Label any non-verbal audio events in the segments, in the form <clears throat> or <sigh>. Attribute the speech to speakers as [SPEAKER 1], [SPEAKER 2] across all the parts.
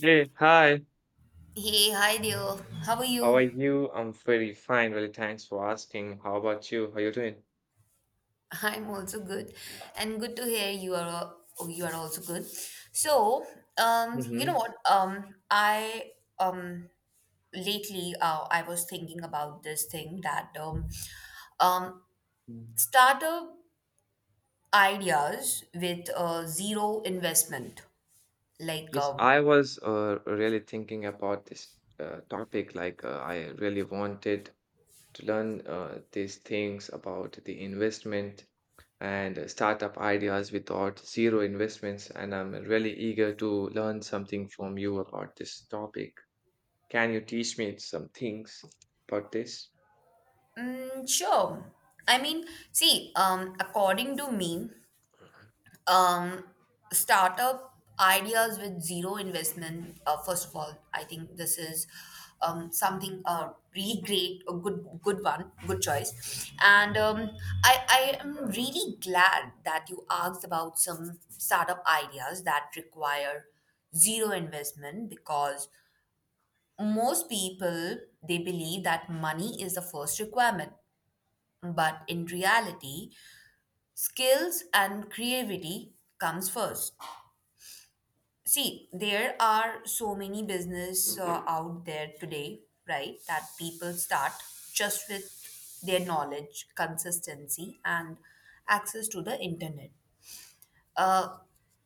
[SPEAKER 1] Hey, hi.
[SPEAKER 2] Hey, hi there. How are
[SPEAKER 1] How are
[SPEAKER 2] you?
[SPEAKER 1] you? I'm very fine. Really, thanks for asking. How about you? How are you doing?
[SPEAKER 2] I'm also good, and good to hear you are. Oh, you are also good. So, you know
[SPEAKER 1] Mm-hmm.
[SPEAKER 2] what? I um lately, I was thinking about this thing that um, startup ideas with zero investment, like
[SPEAKER 1] Yes,
[SPEAKER 2] um,
[SPEAKER 1] I was really thinking about this topic. I really wanted to learn these things about the investment and startup ideas without zero investments. And I'm really eager to learn something from you about this topic. Can you teach me some things about this?
[SPEAKER 2] sure. I mean, see, according to me, um, startup ideas with zero investment. First of all, I think this is something really great, a good one, good choice. And I am really glad that you asked about some startup ideas that require zero investment, because most people, they believe that money is the first requirement, but in reality skills and creativity comes first. See, there are so many business out there today, right? That people start just with their knowledge, consistency, and access to the internet. Uh,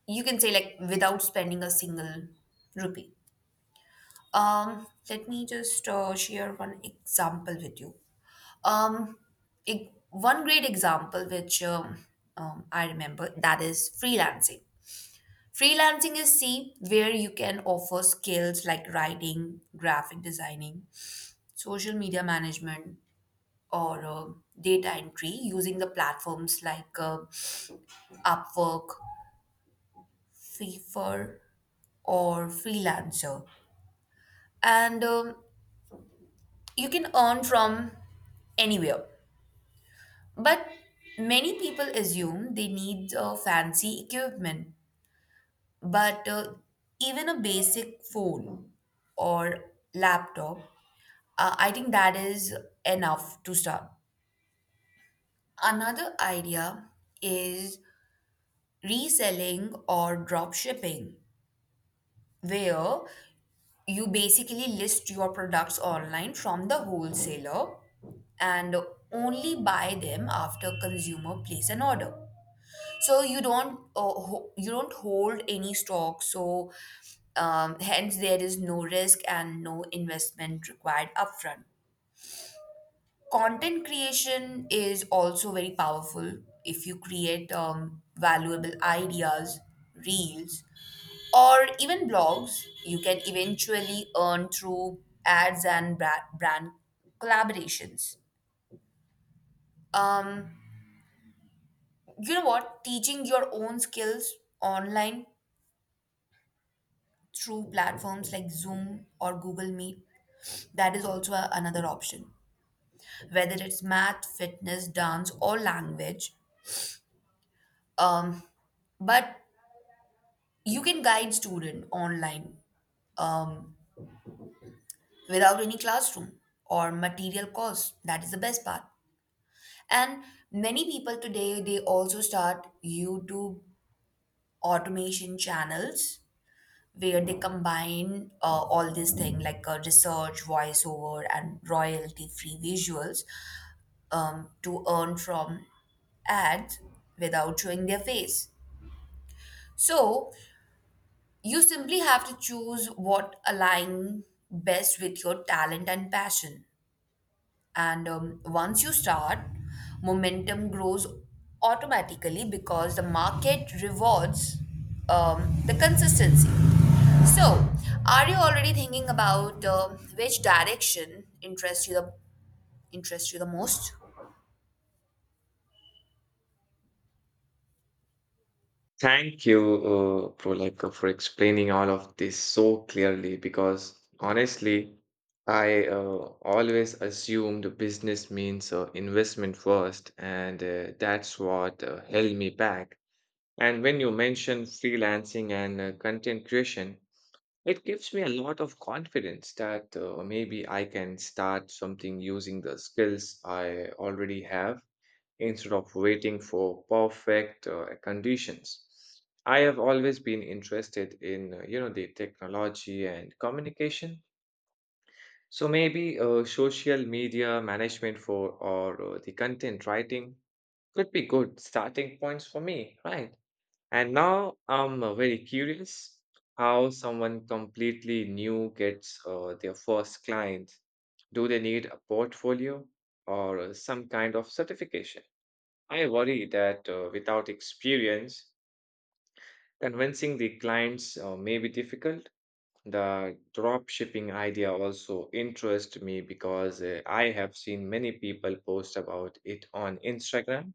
[SPEAKER 2] you can say, like, without spending a single rupee. Let me just share one example with you. Um, One great example which I remember that is freelancing. Freelancing is, see, where you can offer skills like writing, graphic designing, social media management, or data entry using the platforms like Upwork, Fiverr, or Freelancer. And you can earn from anywhere. But many people assume they need fancy equipment, but even a basic phone or laptop, I think that is enough to start. Another idea is reselling or drop shipping, where you basically list your products online from the wholesaler and only buy them after consumer place an order. So you don't you don't hold any stock, so hence there is no risk and no investment required upfront. Content creation is also very powerful. If you create valuable ideas, reels, or even blogs, you can eventually earn through ads and brand collaborations. Um, you know what Teaching your own skills online through platforms like Zoom or Google Meet, that is also another option, whether it's math, fitness, dance, or language. um, but you can guide student online um, without any classroom or material cost. That is the best part. And many people today they also start YouTube automation channels, where they combine all these things like research, voiceover, and royalty free visuals to earn from ads without showing their face. So you simply have to choose what align best with your talent and passion. And once you start, momentum grows automatically because the market rewards the consistency. So, are you already thinking about which direction interests you the most?
[SPEAKER 1] Thank you, Prolika, for explaining all of this so clearly because honestly, I always assumed business means investment first, and that's what held me back. And when you mention freelancing and content creation, it gives me a lot of confidence that maybe I can start something using the skills I already have instead of waiting for perfect conditions. I have always been interested in you know the technology and communication. So maybe social media management for or the content writing could be good starting points for me, right? And now I'm very curious how someone completely new gets their first client. Do they need a portfolio or some kind of certification? I worry that without experience, convincing the clients may be difficult. The drop shipping idea also interests me because I have seen many people post about it on Instagram,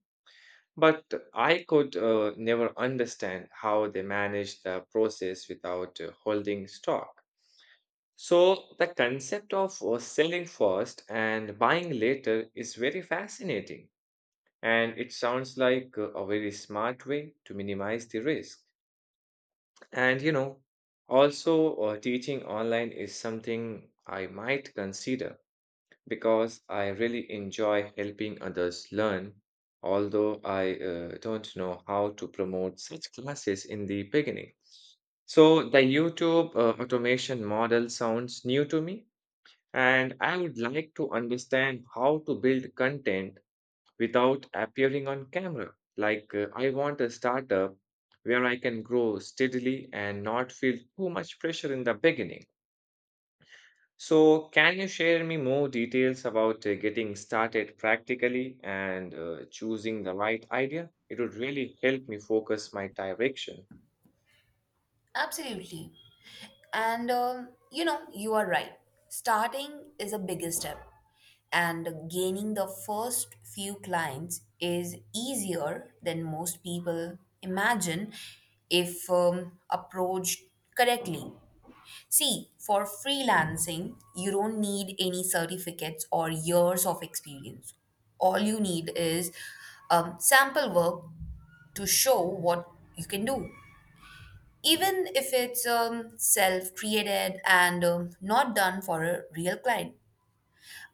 [SPEAKER 1] but I could never understand how they manage the process without holding stock. So, the concept of selling first and buying later is very fascinating. And it sounds like a very smart way to minimize the risk. And you know, also teaching online is something I might consider because I really enjoy helping others learn, although I don't know how to promote such classes in the beginning. So the YouTube automation model sounds new to me, and I would like to understand how to build content without appearing on camera. I want a startup where I can grow steadily and not feel too much pressure in the beginning. So, can you share me more details about getting started practically and choosing the right idea? It would really help me focus my direction.
[SPEAKER 2] Absolutely. And you know, you are right. Starting is a bigger step, and gaining the first few clients is easier than most people imagine if approached correctly. See, for freelancing, you don't need any certificates or years of experience. All you need is sample work to show what you can do, even if it's self created and not done for a real client.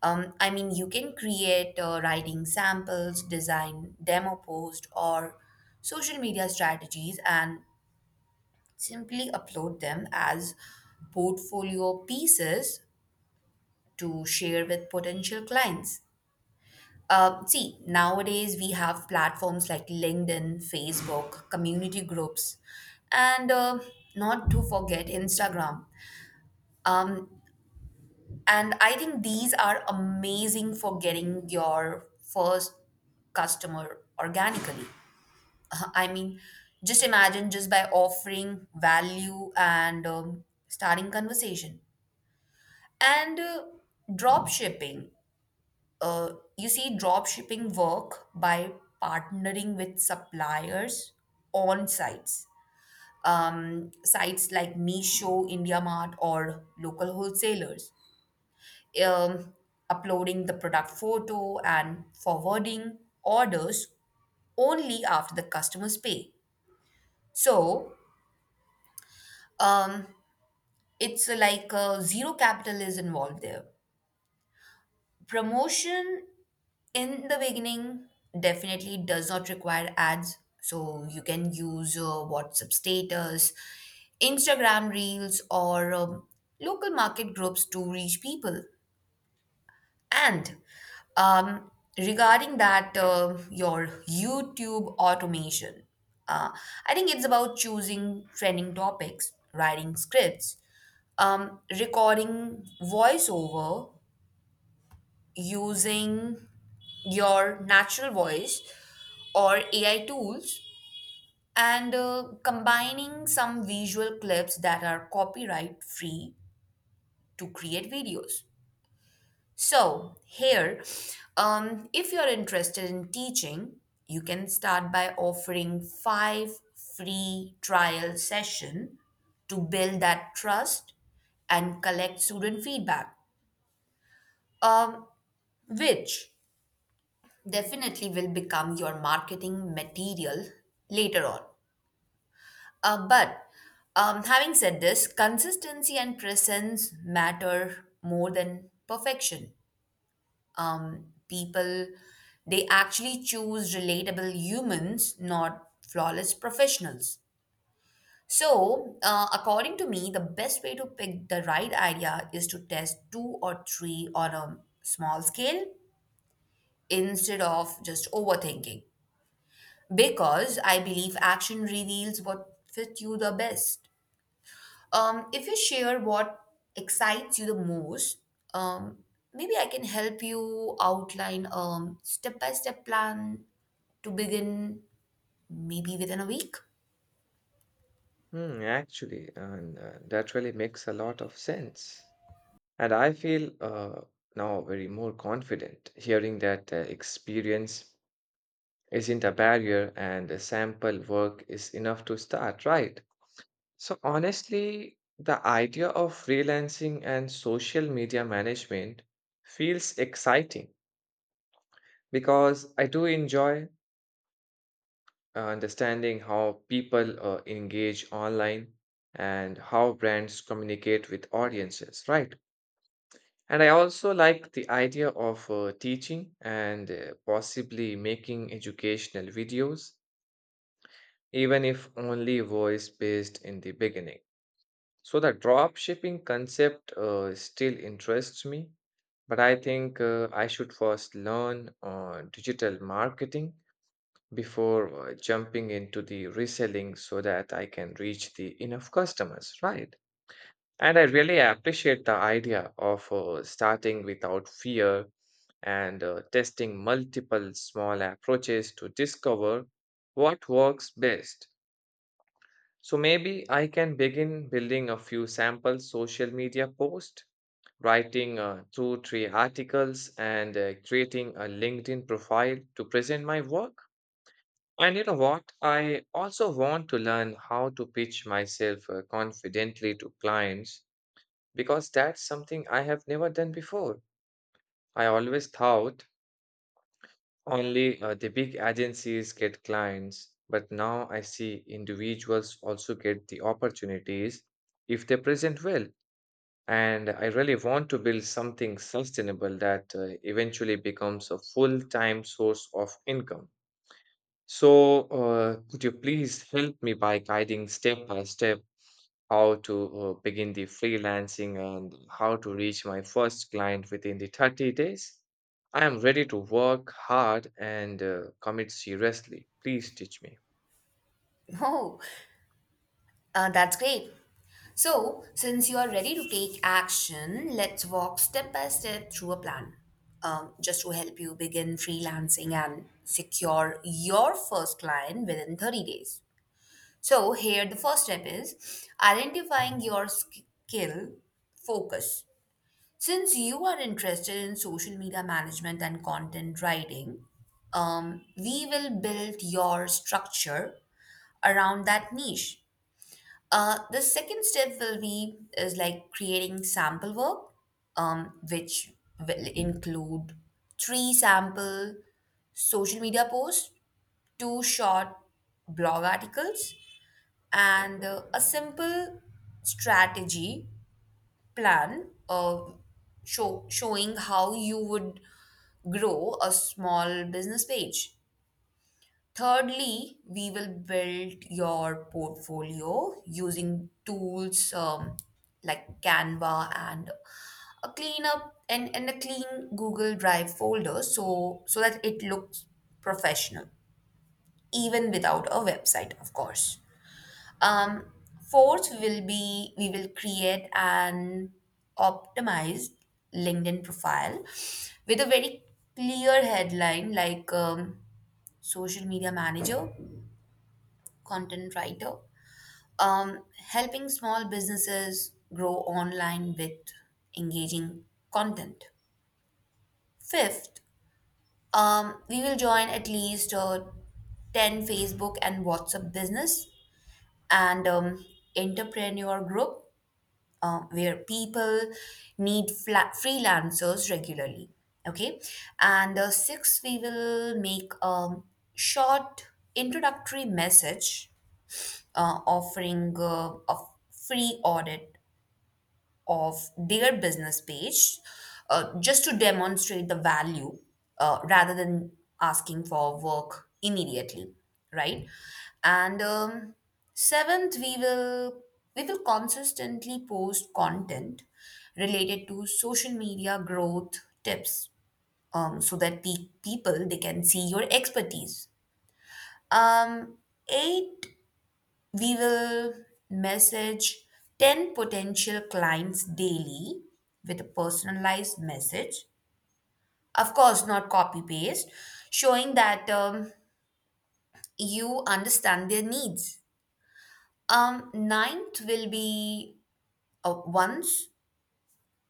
[SPEAKER 2] I mean, you can create writing samples, design demo post, or social media strategies and simply upload them as portfolio pieces to share with potential clients. See, nowadays we have platforms like LinkedIn, Facebook, community groups, and not to forget Instagram. Um, And I think these are amazing for getting your first customer organically. <laughs> I mean, just imagine just by offering value and starting conversation. And drop shipping. You see, drop shipping work by partnering with suppliers on sites. Sites like Meesho, IndiaMart, or local wholesalers, um, uploading the product photo and forwarding orders only after the customers pay. So um, it's like zero capital is involved there. Promotion in the beginning definitely does not require ads. So you can use WhatsApp status, Instagram reels, or local market groups to reach people. And um, regarding that, your YouTube automation, uh, I think it's about choosing trending topics, writing scripts, recording voiceover using your natural voice or AI tools, and combining some visual clips that are copyright free to create videos. So, here, if you're interested in teaching, you can start by offering five free trial session to build that trust and collect student feedback, um, which definitely will become your marketing material later on. But having said this, consistency and presence matter more than perfection. People, they actually choose relatable humans, not flawless professionals. So according to me, the best way to pick the right idea is to test two or three on a small scale instead of just overthinking, because I believe action reveals what fits you the best. If you share what excites you the most, um, maybe I can help you outline a step-by-step plan to begin, maybe within a week.
[SPEAKER 1] Hmm, actually, and that really makes a lot of sense. And I feel now very more confident hearing that experience isn't a barrier and a sample work is enough to start, right? So, honestly, the idea of freelancing and social media management feels exciting because I do enjoy understanding how people engage online and how brands communicate with audiences, right? And I also like the idea of teaching and possibly making educational videos even if only voice based in the beginning. So the drop shipping concept still interests me, but I think I should first learn digital marketing before jumping into the reselling so that I can reach the enough customers, right? And I really appreciate the idea of starting without fear and testing multiple small approaches to discover what works best. So maybe I can begin building a few sample social media posts, writing two, three articles, and creating a LinkedIn profile to present my work. And you know what? I also want to learn how to pitch myself confidently to clients because that's something I have never done before. I always thought only the big agencies get clients, but now I see individuals also get the opportunities if they present well. And I really want to build something sustainable that eventually becomes a full-time source of income. So, could you please help me by guiding step by step how to begin the freelancing and how to reach my first client within the 30 days. I am ready to work hard and commit seriously. Please teach me.
[SPEAKER 2] <laughs> Oh, that's great. So, since you are ready to take action, let's walk step by step through a plan just to help you begin freelancing and secure your first client within 30 days. So, here the first step is identifying your skill focus. Since you are interested in social media management and content writing, we will build your structure around that niche. The second step will be is like creating sample work, which will include three sample social media posts, two short blog articles, and a simple strategy plan of showing how you would grow a small business page. Thirdly, we will build your portfolio using tools like Canva and a clean Google Drive folder so that it looks professional, even without a website, of course. Um, Fourth will be, we will create an optimized LinkedIn profile with a very clear headline, like social media manager, content writer, um, helping small businesses grow online with engaging content. Fifth, we will join at least 10 Facebook and WhatsApp business and entrepreneur group, where people need freelancers regularly. Okay. And six, we will make a short introductory message offering a free audit of their business page, just to demonstrate the value, rather than asking for work immediately, right? And seventh, we will consistently post content related to social media growth tips, so that people they can see your expertise. um, Eight, we will message 10 potential clients daily with a personalized message. Of course, not copy paste, showing that you understand their needs. Ninth will be, once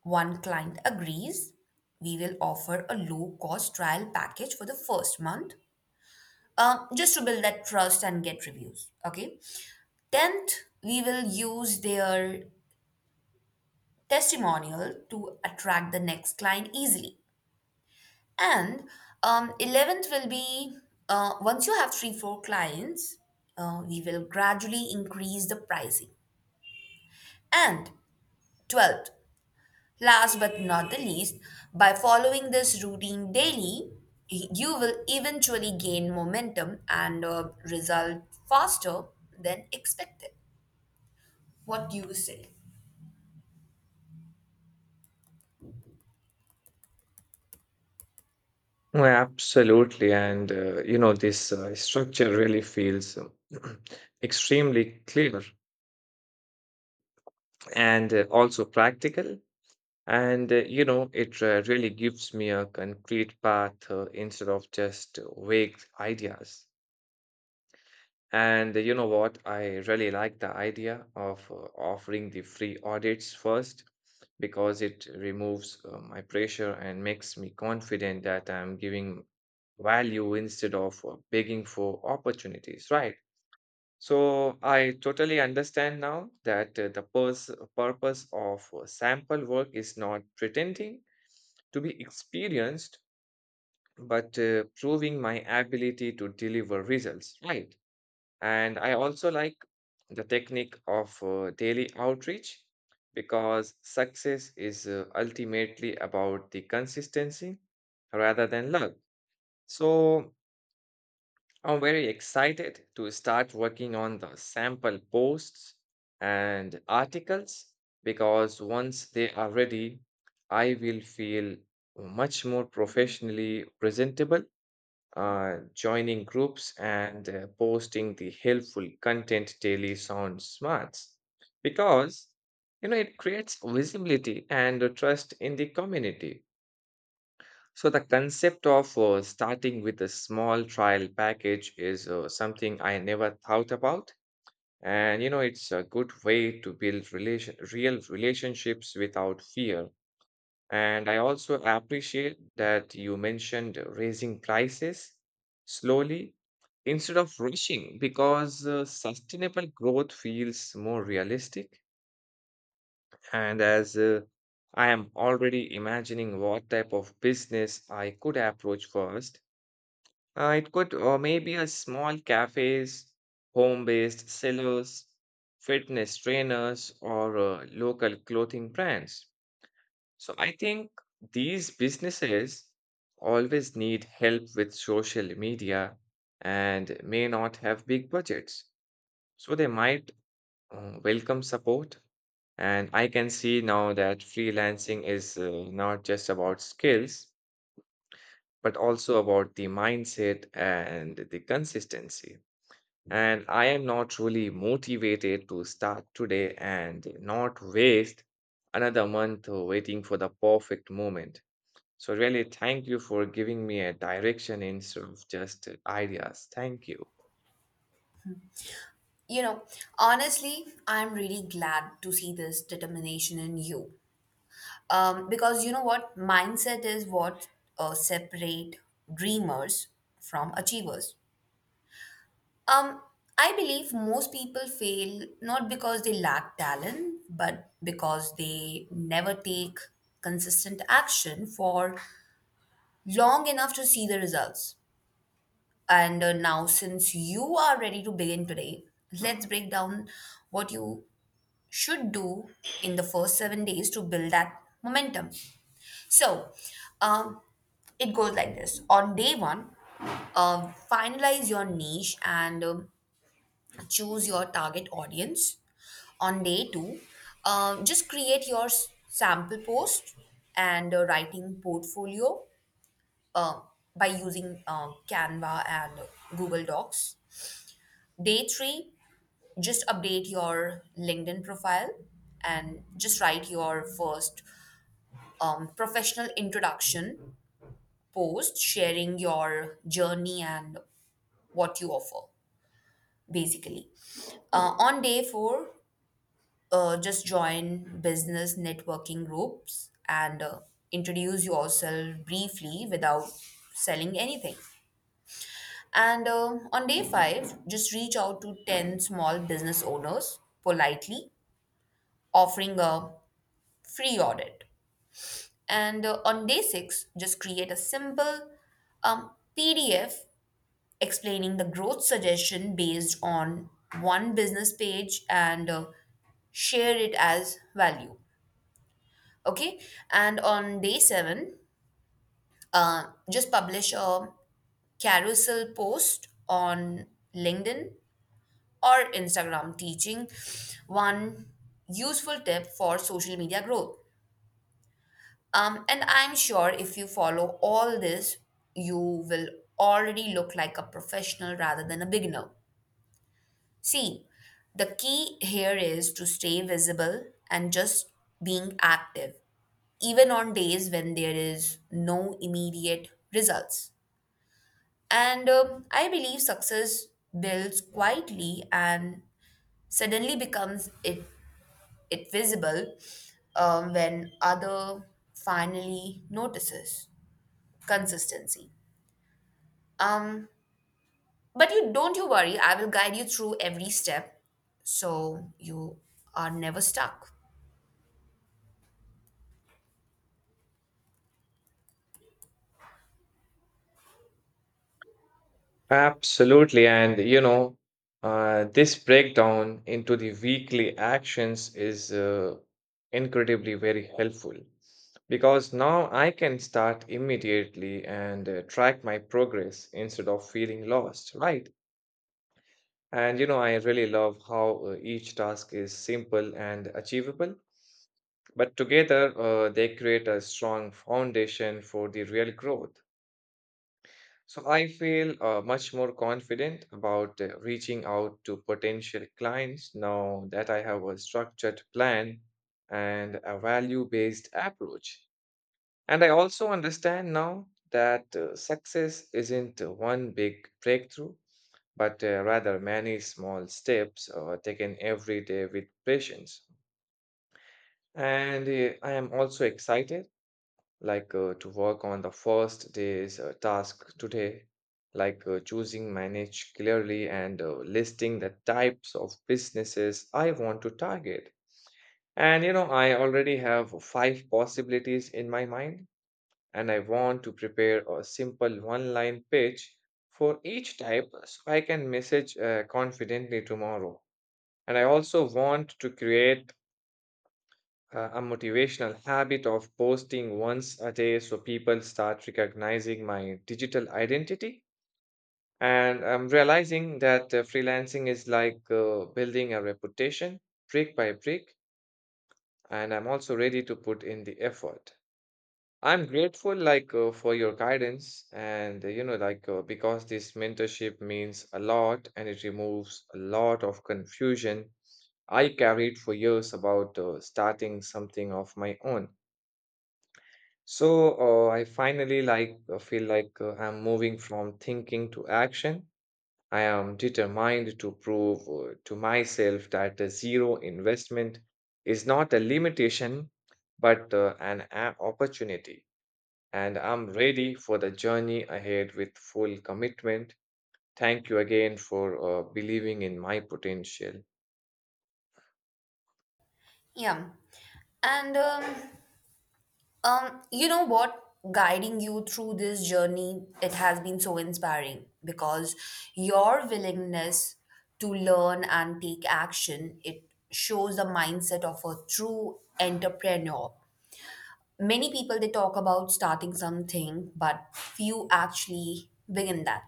[SPEAKER 2] one client agrees, we will offer a low cost trial package for the first month, just to build that trust and get reviews. Okay. Tenth, we will use their testimonial to attract the next client easily. And 11th will be, once you have three, four clients, we will gradually increase the pricing. And 12th, last but not the least, by following this routine daily, you will eventually gain momentum and result faster than expected. What do you say?
[SPEAKER 1] Oh, absolutely. And, you know, this structure really feels <clears throat> extremely clear and also practical. And, you know, it really gives me a concrete path instead of just vague ideas. And you know what? I really like the idea of offering the free audits first because it removes my pressure and makes me confident that I'm giving value instead of begging for opportunities, right? So I totally understand now that the purpose of sample work is not pretending to be experienced, but proving my ability to deliver results, right? And I also like the technique of daily outreach because success is ultimately about the consistency rather than luck. So I'm very excited to start working on the sample posts and articles because once they are ready, I will feel much more professionally presentable, joining groups and posting the helpful content daily sounds smart because you know it creates visibility and a trust in the community. So the concept of starting with a small trial package is something I never thought about, and you know it's a good way to build relation real relationships without fear. And I also appreciate that you mentioned raising prices slowly instead of rushing because sustainable growth feels more realistic. And as I am already imagining what type of business I could approach first, it could, or maybe a small cafes, home-based sellers, fitness trainers, or local clothing brands. So I think these businesses always need help with social media and may not have big budgets. So they might welcome support. And I can see now that freelancing is not just about skills, but also about the mindset and the consistency. And I am not really motivated to start today and not waste another month waiting for the perfect moment. So, really, thank you for giving me a direction instead of just ideas. Thank you.
[SPEAKER 2] You know, honestly, I'm really glad to see this determination in you. Because you know what? Mindset is what separate dreamers from achievers. Um, I believe most people fail not because they lack talent, but because they never take consistent action for long enough to see the results. And now, since you are ready to begin today, let's break down what you should do in the first 7 days to build that momentum. So, um, it goes like this. On day one, finalize your niche and choose your target audience. On day two, just create your sample post and writing portfolio uh, by using Canva and Google Docs. Day three, just update your LinkedIn profile and just write your first professional introduction post sharing your journey and what you offer, basically. On day four, just join business networking groups and introduce yourself briefly without selling anything. And on day five, just reach out to 10 small business owners politely, offering a free audit. And on day six, just create a simple um, PDF explaining the growth suggestion based on one business page and share it as value. Okay. And on day seven, uh, just publish a carousel post on LinkedIn or Instagram teaching one useful tip for social media growth. And I'm sure if you follow all this, you will already look like a professional rather than a beginner. See, the key here is to stay visible and just being active, even on days when there is no immediate results. And I believe success builds quietly and suddenly becomes it visible when other finally notices consistency. Um, but you don't you worry, I will guide you through every step so you are never stuck.
[SPEAKER 1] Absolutely. And, you know, this breakdown into the weekly actions is incredibly very helpful because now I can start immediately and track my progress instead of feeling lost, right? And, you know, I really love how each task is simple and achievable, but together, they create a strong foundation for the real growth. So I feel much more confident about reaching out to potential clients now that I have a structured plan and a value based approach. And I also understand now that success isn't one big breakthrough, but rather many small steps taken every day with patience. And I am also excited to work on the first day's task today, choosing, manage clearly, and listing the types of businesses I want to target. And you know, I already have five possibilities in my mind, and I want to prepare a simple one line pitch for each type so I can message confidently tomorrow. And I also want to create a motivational habit of posting once a day so people start recognizing my digital identity. And I'm realizing that freelancing is building a reputation brick by brick, and I'm also ready to put in the effort. I'm grateful for your guidance and because this mentorship means a lot and it removes a lot of confusion I carried for years about starting something of my own. So I finally feel I'm moving from thinking to action. I am determined to prove to myself that zero investment is not a limitation, but opportunity. And I'm ready for the journey ahead with full commitment. Thank you again for believing in my potential.
[SPEAKER 2] Yeah. And you know what? Guiding you through this journey, it has been so inspiring because your willingness to learn and take action, it shows the mindset of a true entrepreneur. Many people they talk about starting something, but few actually begin that.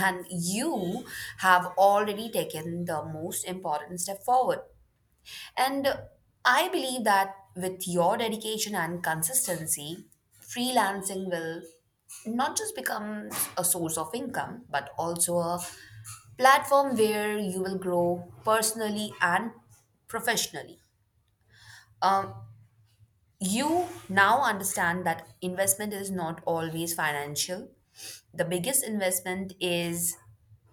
[SPEAKER 2] And you have already taken the most important step forward. And I believe that with your dedication and consistency, freelancing will not just become a source of income, but also a platform where you will grow personally and professionally. Um, you now understand that investment is not always financial. The biggest investment is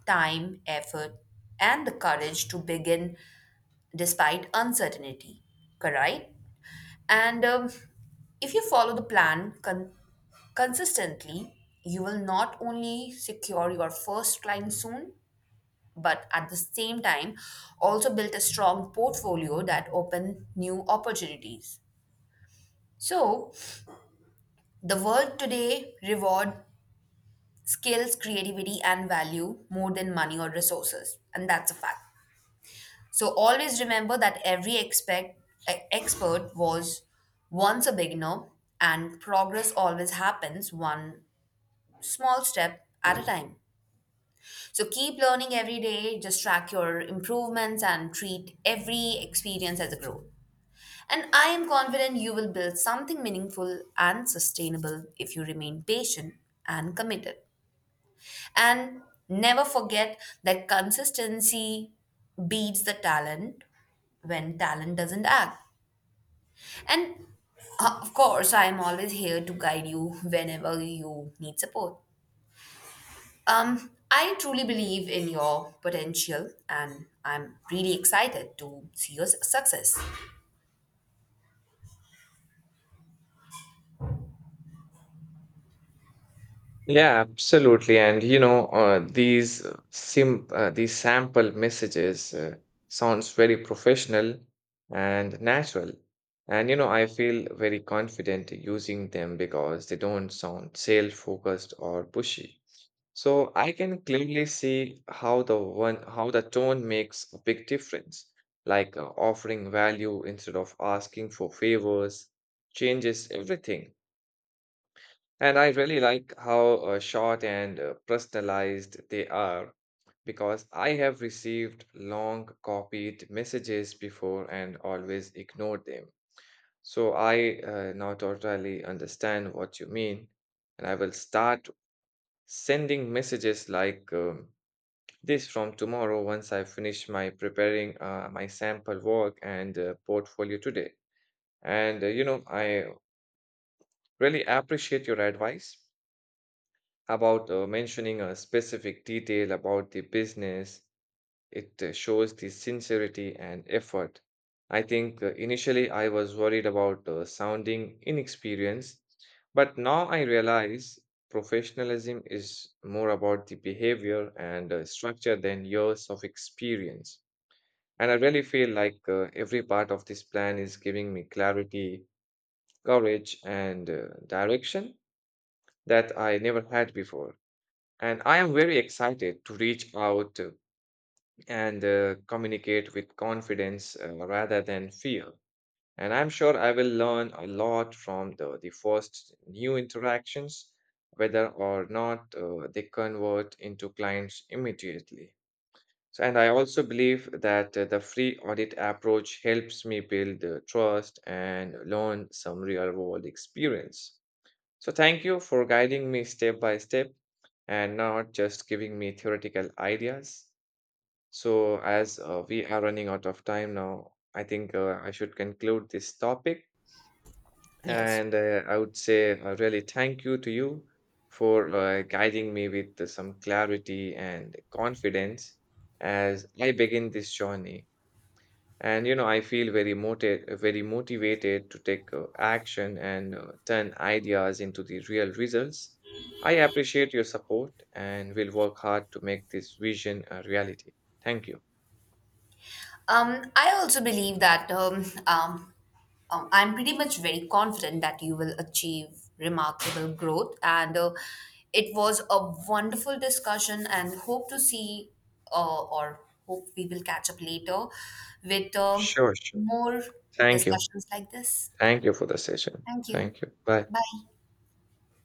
[SPEAKER 2] time, effort, and the courage to begin despite uncertainty. Correct? And if you follow the plan consistently, you will not only secure your first client soon, but at the same time, also build a strong portfolio that open new opportunities. So, the world today reward skills, creativity, and value more than money or resources, and that's a fact. So always remember that expert was once a beginner, and progress always happens one small step at a time. So keep learning every day, just track your improvements and treat every experience as a growth. And I am confident you will build something meaningful and sustainable if you remain patient and committed. And never forget that consistency beats the talent when talent doesn't act. And of course, I am always here to guide you whenever you need support. I truly believe in your potential and I'm really excited to see your success.
[SPEAKER 1] Yeah, absolutely. And you know, these sim these sample messages sounds very professional and natural. And you know, I feel very confident using them because they don't sound sale-focused or pushy. So I can clearly see how the one how the tone makes a big difference, like offering value instead of asking for favors changes everything. And I really like how short and personalized they are because I have received long copied messages before and always ignored them. So I now totally understand what you mean. And I will start sending messages like this from tomorrow once I finish my preparing my sample work and portfolio today. And you know, I really appreciate your advice about mentioning a specific detail about the business. It shows the sincerity and effort. I think initially I was worried about sounding inexperienced, but now I realize professionalism is more about the behavior and structure than years of experience. And I really feel like every part of this plan is giving me clarity, courage, and direction that I never had before. And I am very excited to reach out and communicate with confidence rather than fear. And I'm sure I will learn a lot from the first new interactions, whether or not they convert into clients immediately. So, and I also believe that the free audit approach helps me build trust and learn some real world experience. So thank you for guiding me step by step and not just giving me theoretical ideas. So as we are running out of time now, I think I should conclude this topic.
[SPEAKER 2] Yes.
[SPEAKER 1] And I would say really thank you to you for guiding me with some clarity and confidence as I begin this journey. And you know, I feel very motivated to take action and turn ideas into the real results. I appreciate your support and will work hard to make this vision a reality. Thank you.
[SPEAKER 2] I also believe that I'm pretty much very confident that you will achieve remarkable growth. And it was a wonderful discussion, and hope to see or hope we will catch up later with
[SPEAKER 1] Sure, sure.
[SPEAKER 2] more
[SPEAKER 1] Thank you.
[SPEAKER 2] discussions like this.
[SPEAKER 1] Thank you for the session.
[SPEAKER 2] Thank you.
[SPEAKER 1] Thank you. Bye.
[SPEAKER 2] Bye.